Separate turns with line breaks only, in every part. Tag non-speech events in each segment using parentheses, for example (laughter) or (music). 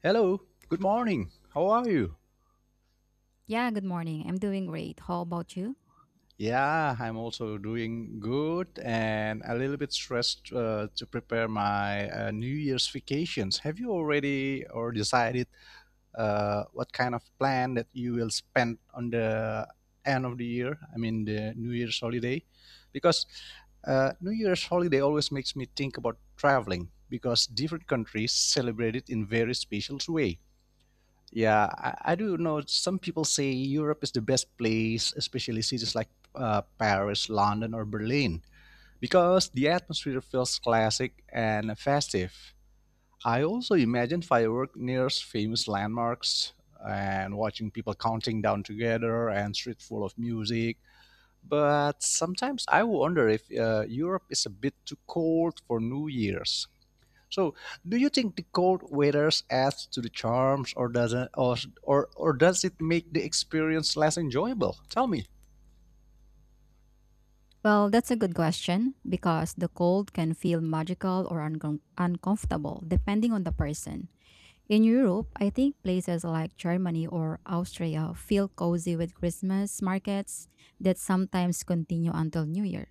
Hello, good morning. How are you?
Yeah, good morning. I'm doing great. How about you?
Yeah, I'm also doing good and a little bit stressed to prepare my New Year's vacations. Have you already or decided what kind of plan that you will spend on the end of the year? I mean, the New Year's holiday? Because New Year's holiday always makes me think about traveling because different countries celebrate it in very special way. Yeah, I do know some people say Europe is the best place, especially cities like Paris, London, or Berlin, because the atmosphere feels classic and festive. I also imagine fireworks near famous landmarks and watching people counting down together and street full of music. But sometimes I wonder if Europe is a bit too cold for New Year's. So, do you think the cold weather adds to the charms, or doesn't, or, or does it make the experience less enjoyable? Tell me.
Well, that's a good question because the cold can feel magical or uncomfortable depending on the person. In Europe, I think places like Germany or Austria feel cozy with Christmas markets that sometimes continue until New Year.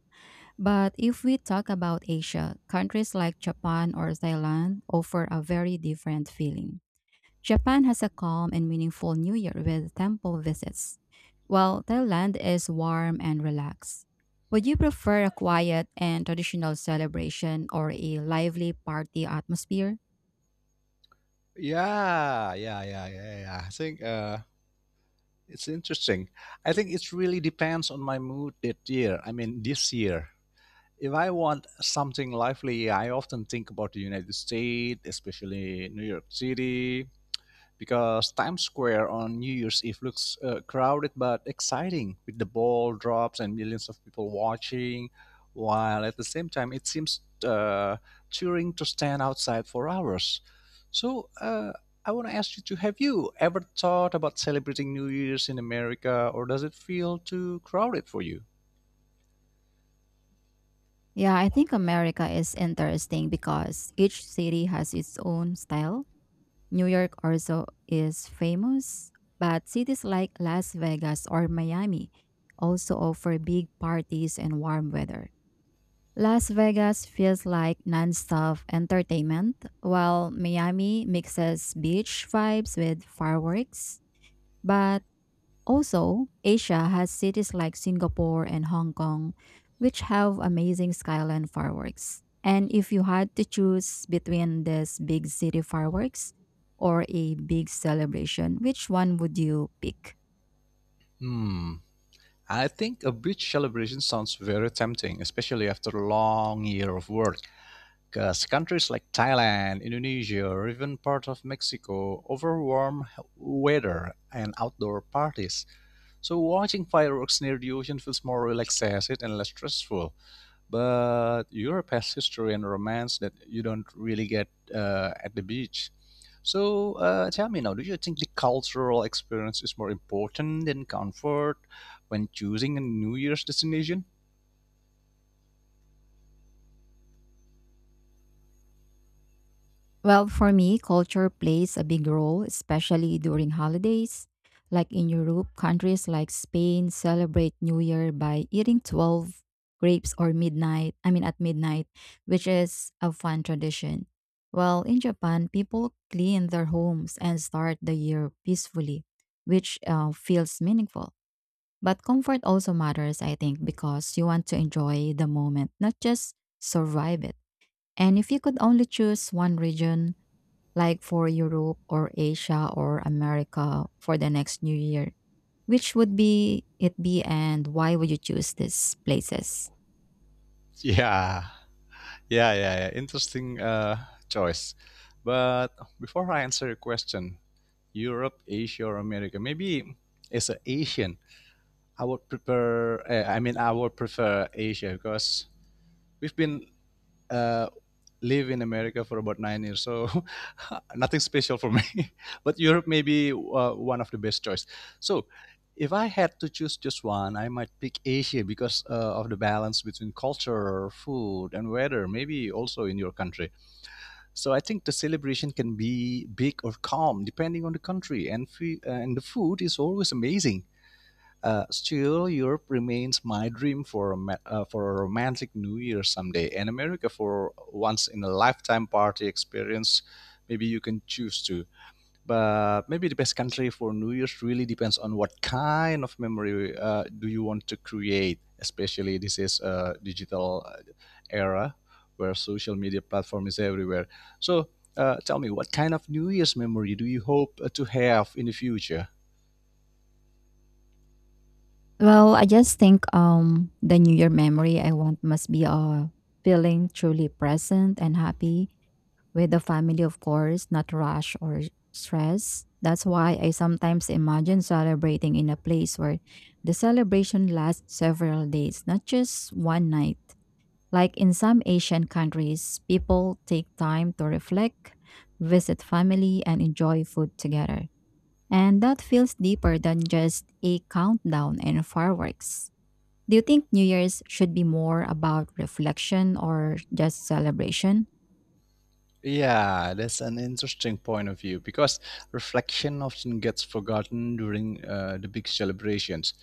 But if we talk about Asia, countries like Japan or Thailand offer a very different feeling. Japan has a calm and meaningful New Year with temple visits, while Thailand is warm and relaxed. Would you prefer a quiet and traditional celebration or a lively party atmosphere?
Yeah, yeah, yeah, yeah, yeah. I think it's interesting. I think it really depends on my mood that year. I mean, this year. If I want something lively, I often think about the United States, especially New York City, because Times Square on New Year's Eve looks crowded but exciting with the ball drops and millions of people watching, while at the same time it seems cheering to stand outside for hours. So, I want to ask you to have you ever thought about celebrating New Year's in America or does it feel too crowded for you?
Yeah, I think America is interesting because each city has its own style. New York also is famous, but cities like Las Vegas or Miami also offer big parties and warm weather. Las Vegas feels like nonstop entertainment, while Miami mixes beach vibes with fireworks. But also, Asia has cities like Singapore and Hong Kong, which have amazing skyline fireworks. And if you had to choose between these big city fireworks or a big celebration, which one would you pick?
Hmm, I think a beach celebration sounds very tempting, especially after a long year of work. Countries like Thailand, Indonesia, or even part of Mexico offer warm weather and outdoor parties. So watching fireworks near the ocean feels more relaxed and less stressful. But Europe has history and romance that you don't really get at the beach. So tell me now, do you think the cultural experience is more important than comfort when choosing a New Year's destination?
Well, for me, culture plays a big role, especially during holidays. Like in Europe, countries like Spain celebrate New Year by eating 12 grapes or midnight, I mean at midnight, which is a fun tradition. Well, in Japan, people clean their homes and start the year peacefully, which feels meaningful. But comfort also matters, I think, because you want to enjoy the moment, not just survive it. And if you could only choose one region, like for Europe or Asia or America for the next new year? Which would be it be and why would you choose these places?
Yeah. Yeah, yeah, yeah. Interesting choice. But before I answer your question, Europe, Asia, or America, maybe as an Asian, I would prefer Asia because we've been uh, live in America for about 9 years, so (laughs) nothing special for me. (laughs) But Europe may be one of the best choice. So, if I had to choose just one, I might pick Asia because of the balance between culture, food, and weather. Maybe also in your country. So I think the celebration can be big or calm depending on the country, and and the food is always amazing. Still, Europe remains my dream for a for a romantic New Year someday, and America for once in a lifetime party experience. Maybe you can choose to but maybe the best country for New Year's really depends on what kind of memory do you want to create. Especially this is a digital era where social media platform is everywhere. So tell me, what kind of New Year's memory do you hope to have in the future?
Well, I just think the New Year memory I want must be feeling truly present and happy with the family, of course, not rush or stress. That's why I sometimes imagine celebrating in a place where the celebration lasts several days, not just one night. Like in some Asian countries, people take time to reflect, visit family, and enjoy food together. And that feels deeper than just a countdown and fireworks. Do you think New Year's should be more about reflection or just celebration?
Yeah, that's an interesting point of view because reflection often gets forgotten during the big celebrations.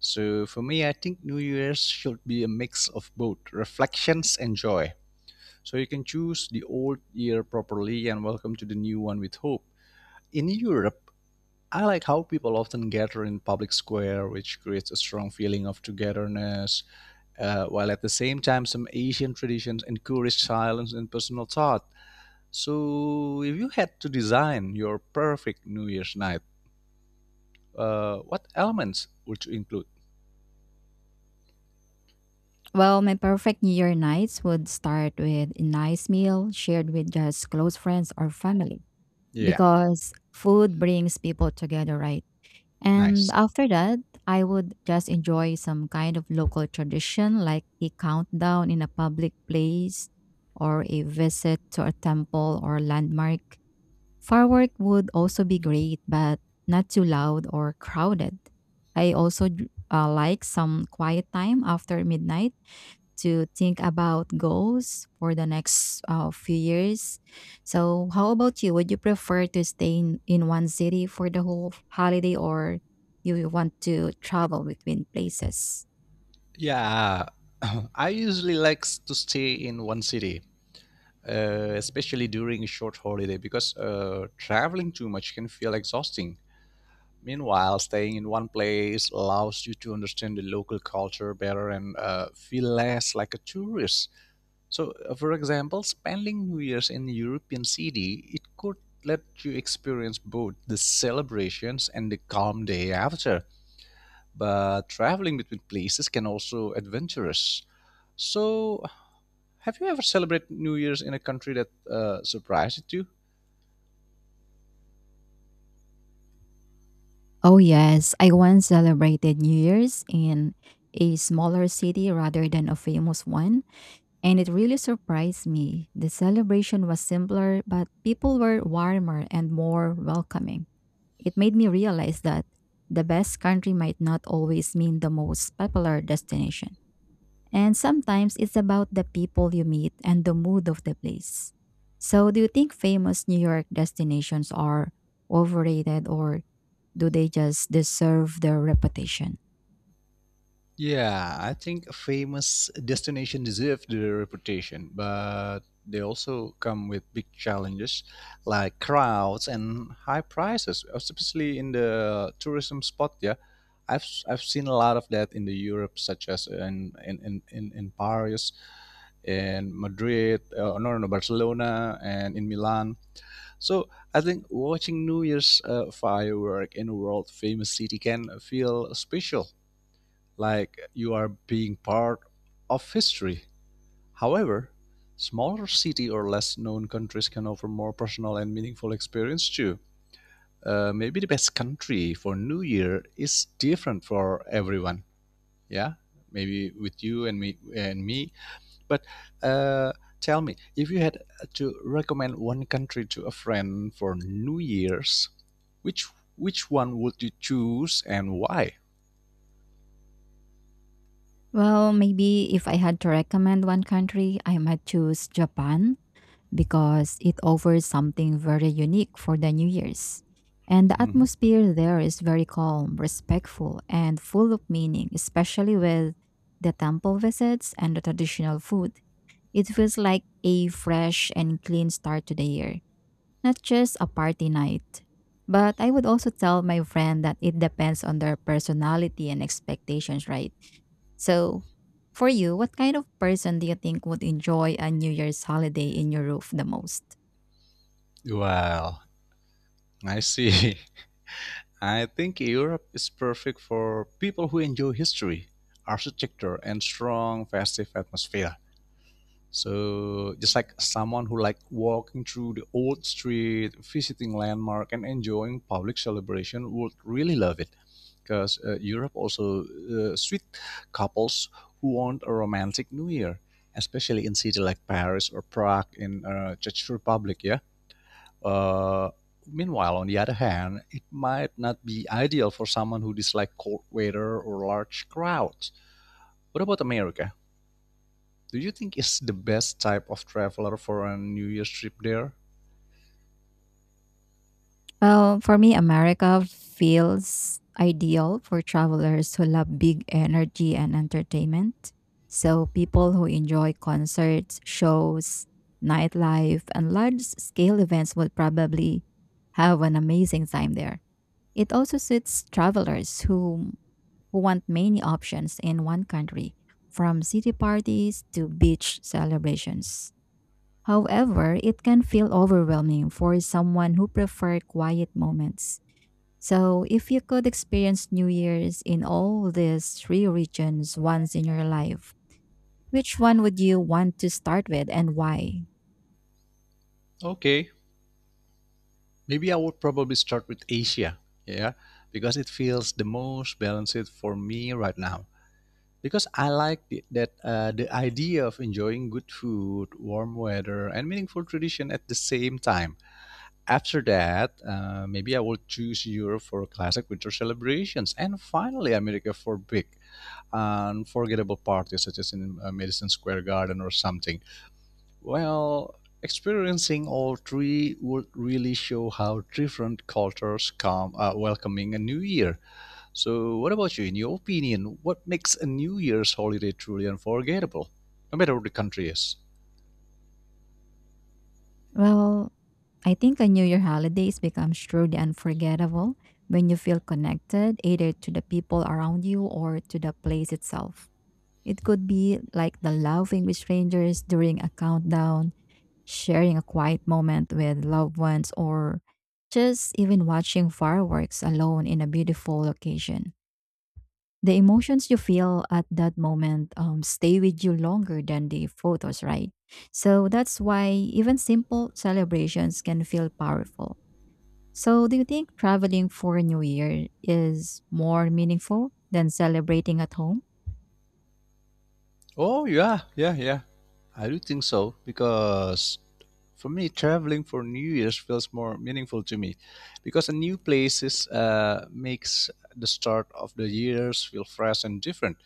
So for me, I think New Year's should be a mix of both reflections and joy. So you can choose the old year properly and welcome to the new one with hope. In Europe, I like how people often gather in public square, which creates a strong feeling of togetherness, while at the same time, some Asian traditions encourage silence and personal thought. So, if you had to design your perfect New Year's night, what elements would you include?
Well, my perfect New Year nights would start with a nice meal shared with just close friends or family
Yeah,
because food brings people together, right? And
nice.
after that, I would just enjoy some kind of local tradition like a countdown in a public place or a visit to a temple or landmark. Firework would also be great, but not too loud or crowded. I also like some quiet time after midnight to think about goals for the next few years. So, how about you? Would you prefer to stay in one city for the whole holiday or you want to travel between places?
Yeah, (coughs) (clears throat) I usually like to stay in one city, especially during a short holiday, because traveling too much can feel exhausting. Meanwhile, staying in one place allows you to understand the local culture better and feel less like a tourist. So, for example, spending New Year's in a European city, it could let you experience both the celebrations and the calm day after. But traveling between places can also adventurous. So, have you ever celebrated New Year's in a country that surprised you?
Oh, yes. I once celebrated New Year's in a smaller city rather than a famous one, and it really surprised me. The celebration was simpler, but people were warmer and more welcoming. It made me realize that the best country might not always mean the most popular destination. And sometimes it's about the people you meet and the mood of the place. So, do you think famous New York destinations are overrated or do they just deserve their reputation?
Yeah, I think a famous destination deserve the reputation, but they also come with big challenges like crowds and high prices, especially in the tourism spot. Yeah, I've seen a lot of that in the Europe, such as in Paris in Madrid, no, no, no, Barcelona, and in Milan. So I think watching New Year's firework in a world famous city can feel special, like you are being part of history. However, smaller city or less known countries can offer more personal and meaningful experience too. Maybe the best country for New Year is different for everyone. Yeah, maybe with you and me but uh, tell me, if you had to recommend one country to a friend for New Year's, which which one would you choose and why?
Well, maybe if I had to recommend one country, I might choose Japan because it offers something very unique for the New Year's. And the
Mhm.
atmosphere there is very calm, respectful, and full of meaning, especially with the temple visits and the traditional food. It feels like a fresh and clean start to the year, not just a party night. But I would also tell my friend that it depends on their personality and expectations, right? So, for you, what kind of person do you think would enjoy a New Year's holiday in your roof the most?
Well, I see. (laughs) I think Europe is perfect for people who enjoy history, architecture, and strong festive atmosphere. So just like someone who like walking through the old street, visiting landmark, and enjoying public celebration would really love it, because Europe also sweet couples who want a romantic New Year, especially in city like Paris or Prague in Czech Republic. Yeah. Uh, meanwhile, on the other hand, it might not be ideal for someone who dislike cold weather or large crowds. What about America? Do you think it's the best type of traveler for a New Year's trip there?
Well, for me, America feels ideal for travelers who love big energy and entertainment. So, people who enjoy concerts, shows, nightlife, and large scale events will probably have an amazing time there. It also suits travelers who want many options in one country, from city parties to beach celebrations. However, it can feel overwhelming for someone who prefer quiet moments. So, if you could experience New Year's in all these three regions once in your life, which one would you want to start with and why?
Okay, maybe I would probably start with Asia, yeah, because it feels the most balanced for me right now. Because I like the, that the idea of enjoying good food, warm weather, and meaningful tradition at the same time. After that, maybe I will choose Europe for classic winter celebrations, and finally America for big, unforgettable parties, such as in Madison Square Garden or something. Well, experiencing all three would really show how different cultures come welcoming a new year. So, what about you? In your opinion, what makes a New Year's holiday truly unforgettable, no matter what the country is?
Well, I think a New Year holidays becomes truly unforgettable when you feel connected either to the people around you or to the place itself. It could be like the laughing with strangers during a countdown, sharing a quiet moment with loved ones, or just even watching fireworks alone in a beautiful location. The emotions you feel at that moment stay with you longer than the photos, right? So that's why even simple celebrations can feel powerful. So, do you think traveling for New Year is more meaningful than celebrating at home?
Oh yeah, yeah, yeah. I do think so because for me, traveling for New Year's feels more meaningful to me because a new places makes the start of the years feel fresh and different.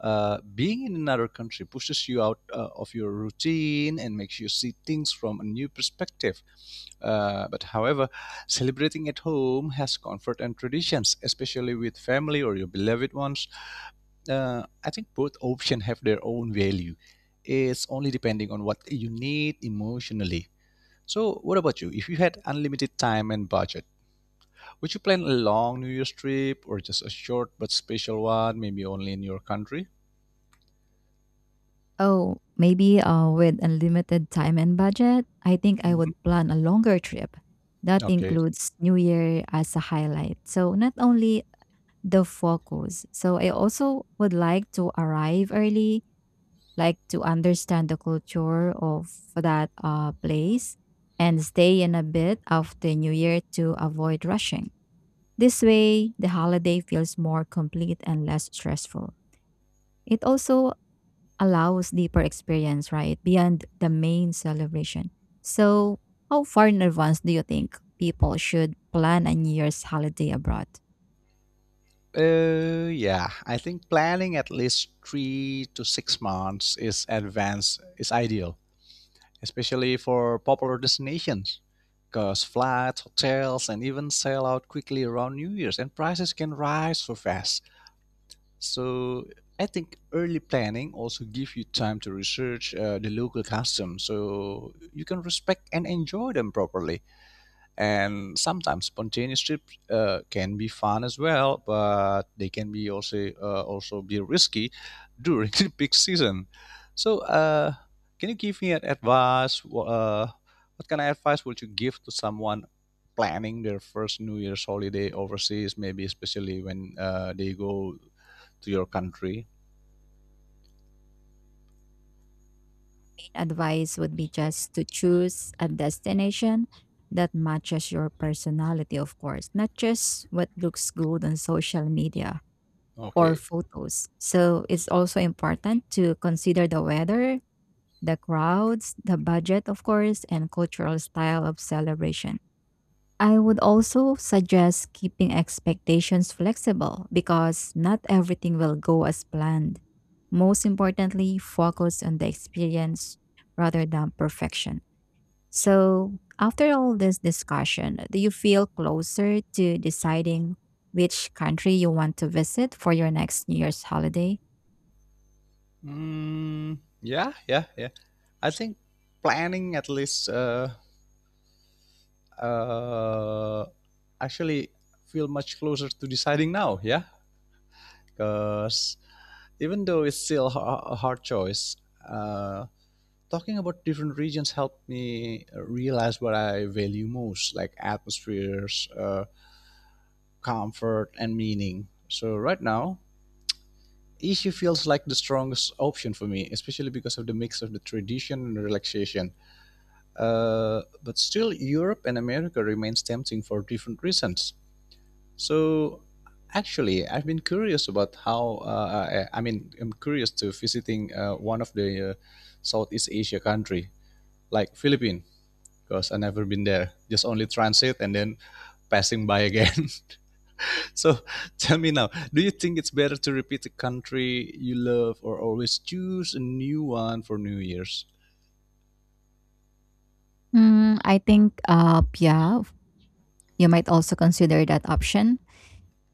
Being in another country pushes you out of your routine and makes you see things from a new perspective. But however, celebrating at home has comfort and traditions, especially with family or your beloved ones. I think both options have their own value. It's only depending on what you need emotionally. So, what about you? If you had unlimited time and budget, would you plan a long New Year's trip or just a short but special one, maybe only in your country?
Oh, maybe with unlimited time and budget, I think I would
Hmm.
plan a longer trip that
Okay.
includes New Year as a highlight. So, not only the focus, so I also would like to arrive early like to understand the culture of that place and stay in a bit of the new year to avoid rushing. This way, the holiday feels more complete and less stressful. It also allows deeper experience, right, beyond the main celebration. So, how far in advance do you think people should plan a New Year's holiday abroad?
Yeah, I think planning at least 3 to 6 months is advanced is ideal, especially for popular destinations, because flights, hotels, and even sell out quickly around New Year's, and prices can rise so fast. So I think early planning also gives you time to research the local customs, so you can respect and enjoy them properly and sometimes spontaneous trips can be fun as well but they can be also be risky during (laughs) the peak season so can you give me an advice what kind of advice would you give to someone planning their first new year's holiday overseas maybe especially when they go to your country?
Advice would be just to choose a destination that matches your personality, of course, not just what looks good on social media or
Okay.
photos. So it's also important to consider the weather, the crowds, the budget, of course, and cultural style of celebration. I would also suggest keeping expectations flexible because not everything will go as planned. Most importantly, focus on the experience rather than perfection. So, after all this discussion, do you feel closer to deciding which country you want to visit for your next New Year's holiday?
Mm, yeah, yeah, yeah. I think planning at least uh, actually feel much closer to deciding now. Yeah, because even though it's still a hard choice, uh, talking about different regions helped me realize what I value most, like atmospheres, comfort, and meaning. So right now, issue feels like the strongest option for me, especially because of the mix of the tradition and relaxation. But still, Europe and America remains tempting for different reasons. So, actually, I've been curious about how. I mean, I'm curious to visiting one of the Southeast Asia country, like Philippines, because I never been there. Just only transit and then passing by again. (laughs) So, tell me now, do you think it's better to repeat the country you love, or always choose a new one for New Year's?
Mm, I think, yeah, you might also consider that option.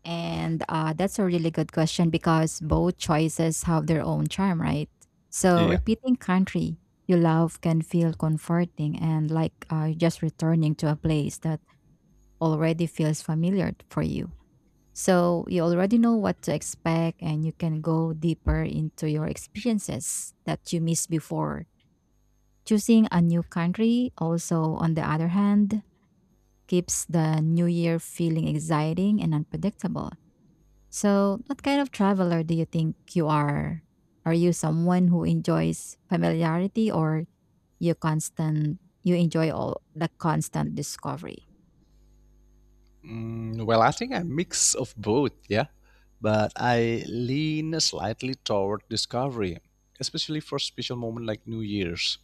And that's a really good question because both choices have their own charm, right? So,
Yeah.
repeating country you love can feel comforting and like just returning to a place that already feels familiar for you. So, you already know what to expect and you can go deeper into your experiences that you missed before. Choosing a new country, also, on the other hand, keeps the new year feeling exciting and unpredictable. So, what kind of traveler do you think you are? Are you someone who enjoys familiarity or you enjoy all the constant discovery?
Mm, well, I think a mix of both, yeah. But I lean slightly toward discovery, especially for special moment like New Year's.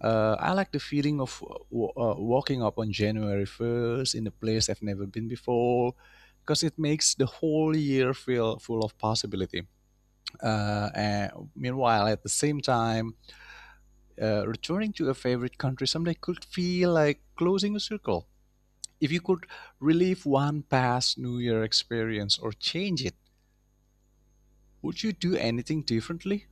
I like the feeling of walking up on January 1st in a place I've never been before, because it makes the whole year feel full of possibility. And meanwhile, at the same time, returning to a favorite country someday could feel like closing a circle. If you could relive one past New Year experience or change it, would you do anything differently?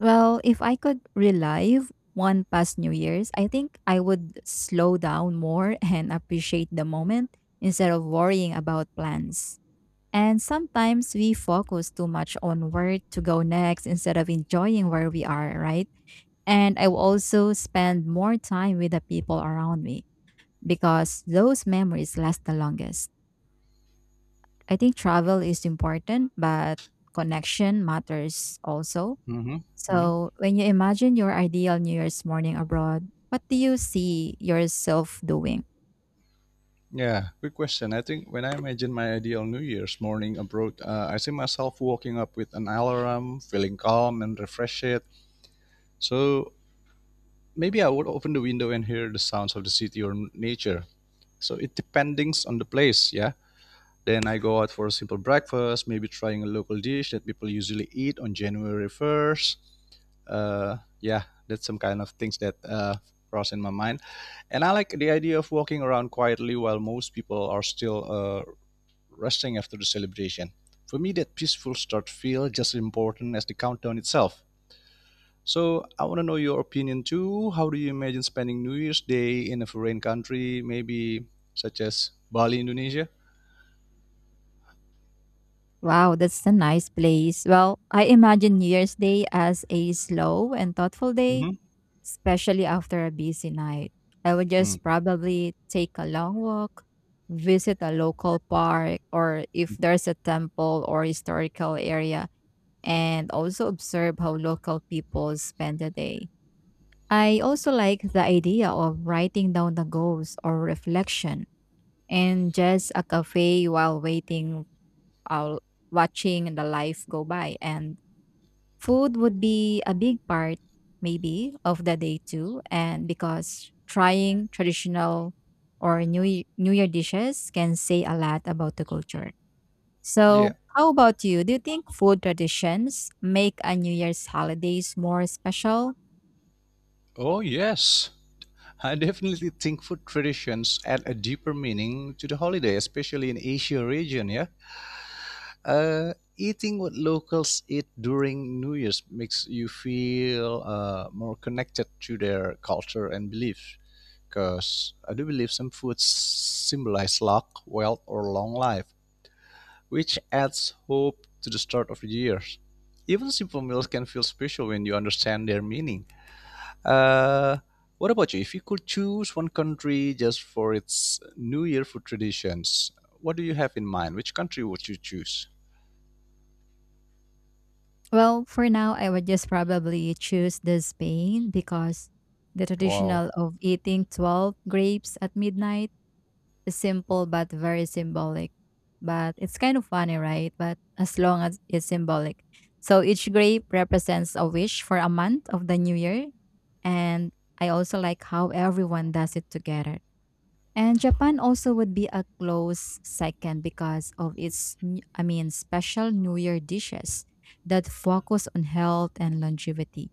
Well, if I could relive one past New Year's, I think I would slow down more (laughs) and appreciate the moment instead of worrying about plans. And sometimes we focus too much on where to go next instead of enjoying where we are, right? And I will also spend more time with the people around me because those memories last the longest. I think travel is important, but connection matters also.
Mm-hmm. Mm-hmm.
So, when you imagine your ideal New Year's morning abroad, what do you see yourself doing?
Yeah, good question. I think when I imagine my ideal New Year's morning abroad, I see myself walking up with an alarm, feeling calm and refreshed. So maybe I would open the window and hear the sounds of the city or nature. So it depends on the place, yeah. Then I go out for a simple breakfast, maybe trying a local dish that people usually eat on January 1st. Yeah, that's some kind of things that cross in my mind. And I like the idea of walking around quietly while most people are still resting after the celebration. For me, that peaceful start feel just as important as the countdown itself. So I want to know your opinion too. How do you imagine spending New Year's Day in a foreign country, maybe such as Bali, Indonesia?
Wow, that's a nice place. Well, I imagine New Year's Day as a slow and thoughtful day,
Mm-hmm.
especially after a busy night. I would just probably take a long walk, visit a local park, or if there's a temple or historical area, and also observe how local people spend the day. I also like the idea of writing down the goals or reflection and just a cafe while waiting, uh, watching the life go by. And food would be a big part, maybe, of the day too, and because trying traditional or New Year dishes can say a lot about the culture. So,
Yeah.
how about you? Do you think food traditions make a New Year's holidays more special?
Oh, yes. I definitely think food traditions add a deeper meaning to the holiday, especially in Asia region. Yeah. Eating what locals eat during New Year's makes you feel more connected to their culture and beliefs. Because I do believe some foods symbolize luck, wealth, or long life, which adds hope to the start of the year. Even simple meals can feel special when you understand their meaning. Uh, what about you? If you could choose one country just for its New Year food traditions, what do you have in mind? Which country would you choose?
Well, for now, I would just probably choose the Spain because the
Wow.
traditional of eating 12 grapes at midnight. It's simple but very symbolic. But it's kind of funny, right? But as long as it's symbolic. So each grape represents a wish for a month of the new year. And I also like how everyone does it together. And Japan also would be a close second because of its, I mean, special New Year dishes that focus on health and longevity.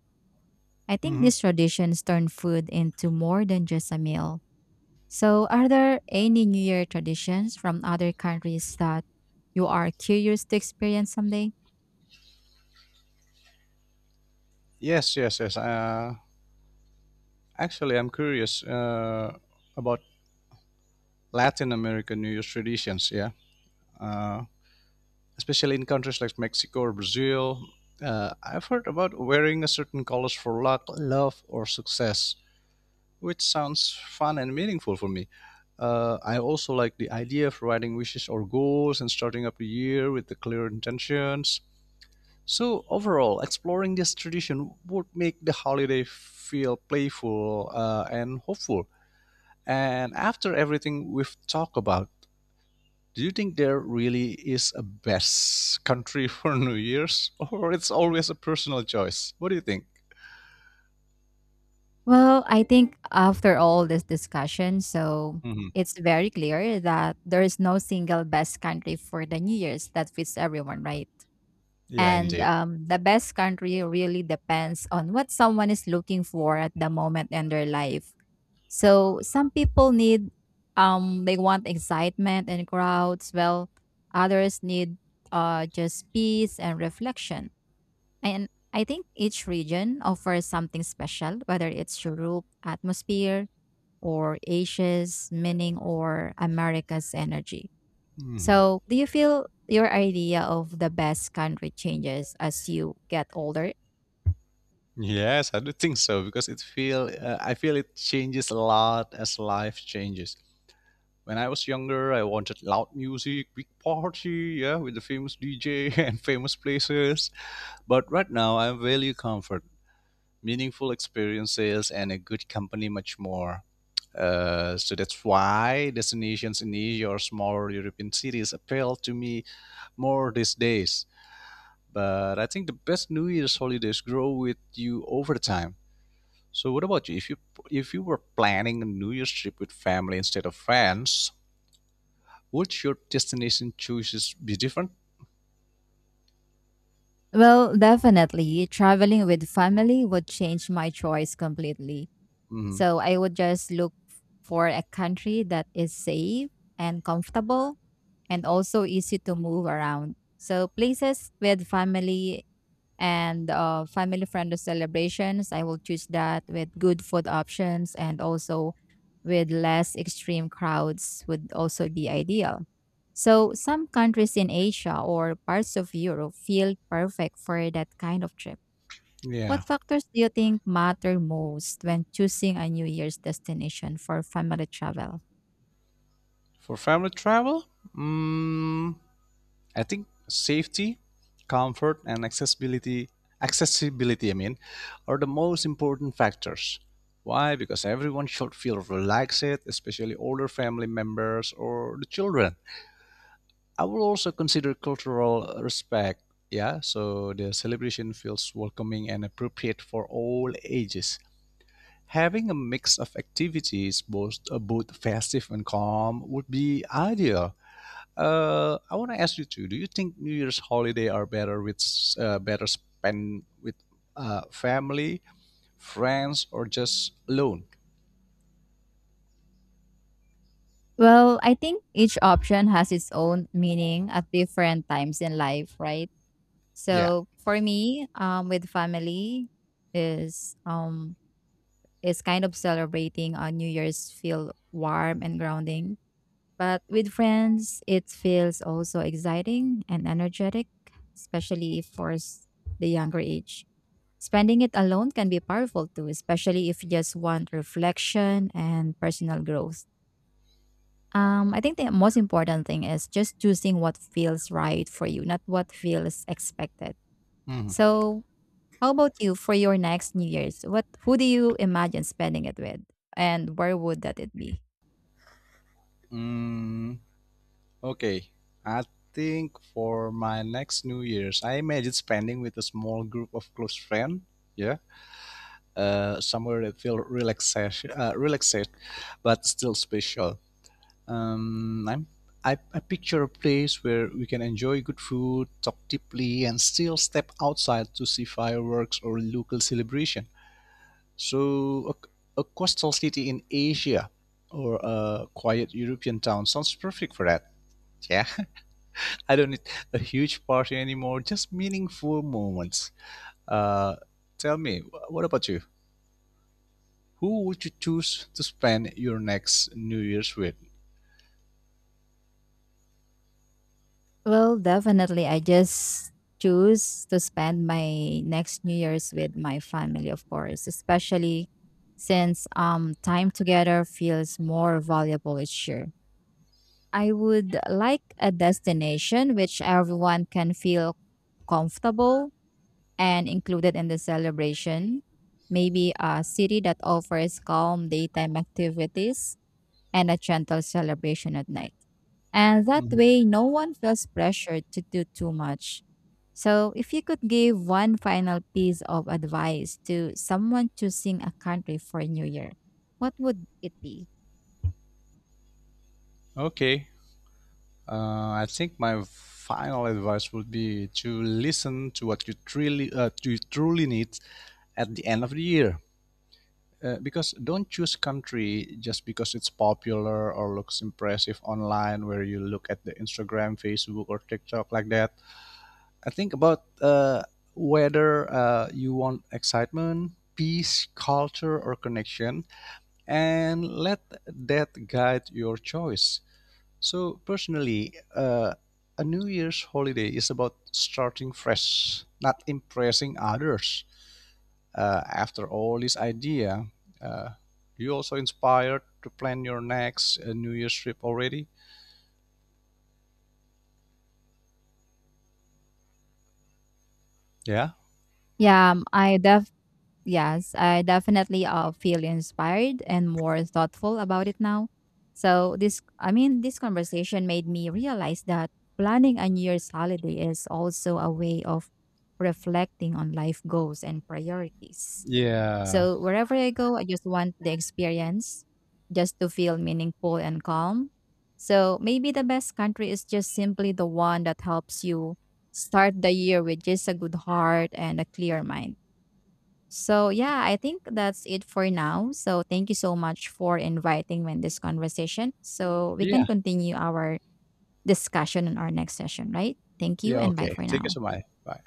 I think
Hmm.
these traditions turn food into more than just a meal. So, are there any New Year traditions from other countries that you are curious to experience someday?
Yes, yes, yes. Actually, I'm curious about Latin American New Year's traditions. Yeah, uh, especially in countries like Mexico or Brazil. I've heard about wearing a certain colors for luck, love, or success, which sounds fun and meaningful for me. I also like the idea of writing wishes or goals and starting up the year with the clear intentions. So overall, exploring this tradition would make the holiday feel playful and hopeful. And after everything we've talked about, do you think there really is a best country for (laughs) New Year's, or it's always a personal choice? What do you think?
Well, I think after all this discussion, so
Hmm.
it's very clear that there is no single best country for the New Year's that fits everyone, right?
Yeah,
And
indeed.
the best country really depends on what someone is looking for at the moment in their life. So some people need, they want excitement and crowds, well others need just peace and reflection. And I think each region offers something special, whether it's Europe atmosphere or Asia's meaning or America's energy.
Mhm.
So do you feel your idea of the best country changes as you get older?
Yes, I do think so because it feel I feel it changes a lot as life changes. When I was younger, I wanted loud music, big party, yeah, with the famous DJ (laughs) and famous places. But right now, I value comfort, meaningful experiences, and a good company much more. So that's why destinations in Asia or smaller European cities appeal to me more these days. But I think the best New Year's holidays grow with you over time. So what about you? If you were planning a New Year's trip with family instead of friends, would your destination choices be different?
Well, definitely. Traveling with family would change my choice completely.
Mm,
So I would just look for a country that is safe and comfortable and also easy to move around. So places with family and family friendly celebrations, I will choose that with good food options and also with less extreme crowds would also be ideal. So some countries in Asia or parts of Europe feel perfect for that kind of trip. What
yeah.
factors do you think matter most when choosing a New Year's destination for family travel?
For family travel, mm, I think safety, comfort, and accessibility, accessibility I mean, are the most important factors. Why? Because everyone should feel relaxed, especially older family members or the children. I will also consider cultural respect. Yeah, so the celebration feels welcoming and appropriate for all ages. Having a mix of activities, both both festive and calm, would be ideal. I want to ask you too. Do you think New Year's holiday are better with better spent with family, friends, or just alone?
Well, I think each option has its own meaning at different times in life, right?
Yeah.
So for me, with family is um is kind of celebrating a New Year's feel warm and grounding. But with friends, it feels also exciting and energetic, especially for the younger age. Spending it alone can be powerful too, especially if you just want reflection and personal growth. I think the most important thing is just choosing what feels right for you, not what feels expected.
Mhm.
So, how about you for your next New Year's? What, who do you imagine spending it with, and where would that it be?
Mm, Okay, I think for my next New Year's, I imagine spending with a small group of close friends. Yeah, somewhere that feel relaxation, relaxed, but still special. Um, I'm, I picture a place where we can enjoy good food, talk deeply, and still step outside to see fireworks or local celebration. So a coastal city in Asia or a quiet European town sounds perfect for that. Yeah. (laughs) I don't need a huge party anymore. Just meaningful moments. Uh, Tell me, what about you? Who would you choose to spend your next New Year's with?
Well, definitely. I just choose to spend my next New Year's with my family, of course, especially since time together feels more valuable each year. I would like a destination which everyone can feel comfortable and included in the celebration. Maybe a city that offers calm daytime activities and a gentle celebration at night. And that
Mhm.
way, no one feels pressured to do too much. So, if you could give one final piece of advice to someone choosing a country for New Year, what would it be?
Okay. I think my final advice would be to listen to what you truly need at the end of the year. Because don't choose country just because it's popular or looks impressive online, where you look at the Instagram, Facebook, or TikTok like that. I think about whether you want excitement, peace, culture, or connection, and let that guide your choice. So, personally, a New Year's holiday is about starting fresh, not impressing others. After all, this idea, uh, you also inspired to plan your next New Year's trip already? Yeah.
Yeah, I def yes, I definitely feel inspired and more thoughtful about it now. So, this conversation made me realize that planning a New Year's holiday is also a way of reflecting on life goals and priorities.
Yeah.
So wherever I go, I just want the experience just to feel meaningful and calm. So maybe the best country is just simply the one that helps you start the year with just a good heart and a clear mind. So yeah, I think that's it for now. So thank you so much for inviting me in this conversation. So we can
Yeah.
continue our discussion in our next session, right? Thank you
Yeah.
and bye
Okay.
for
Thank you
now.
so much. Bye.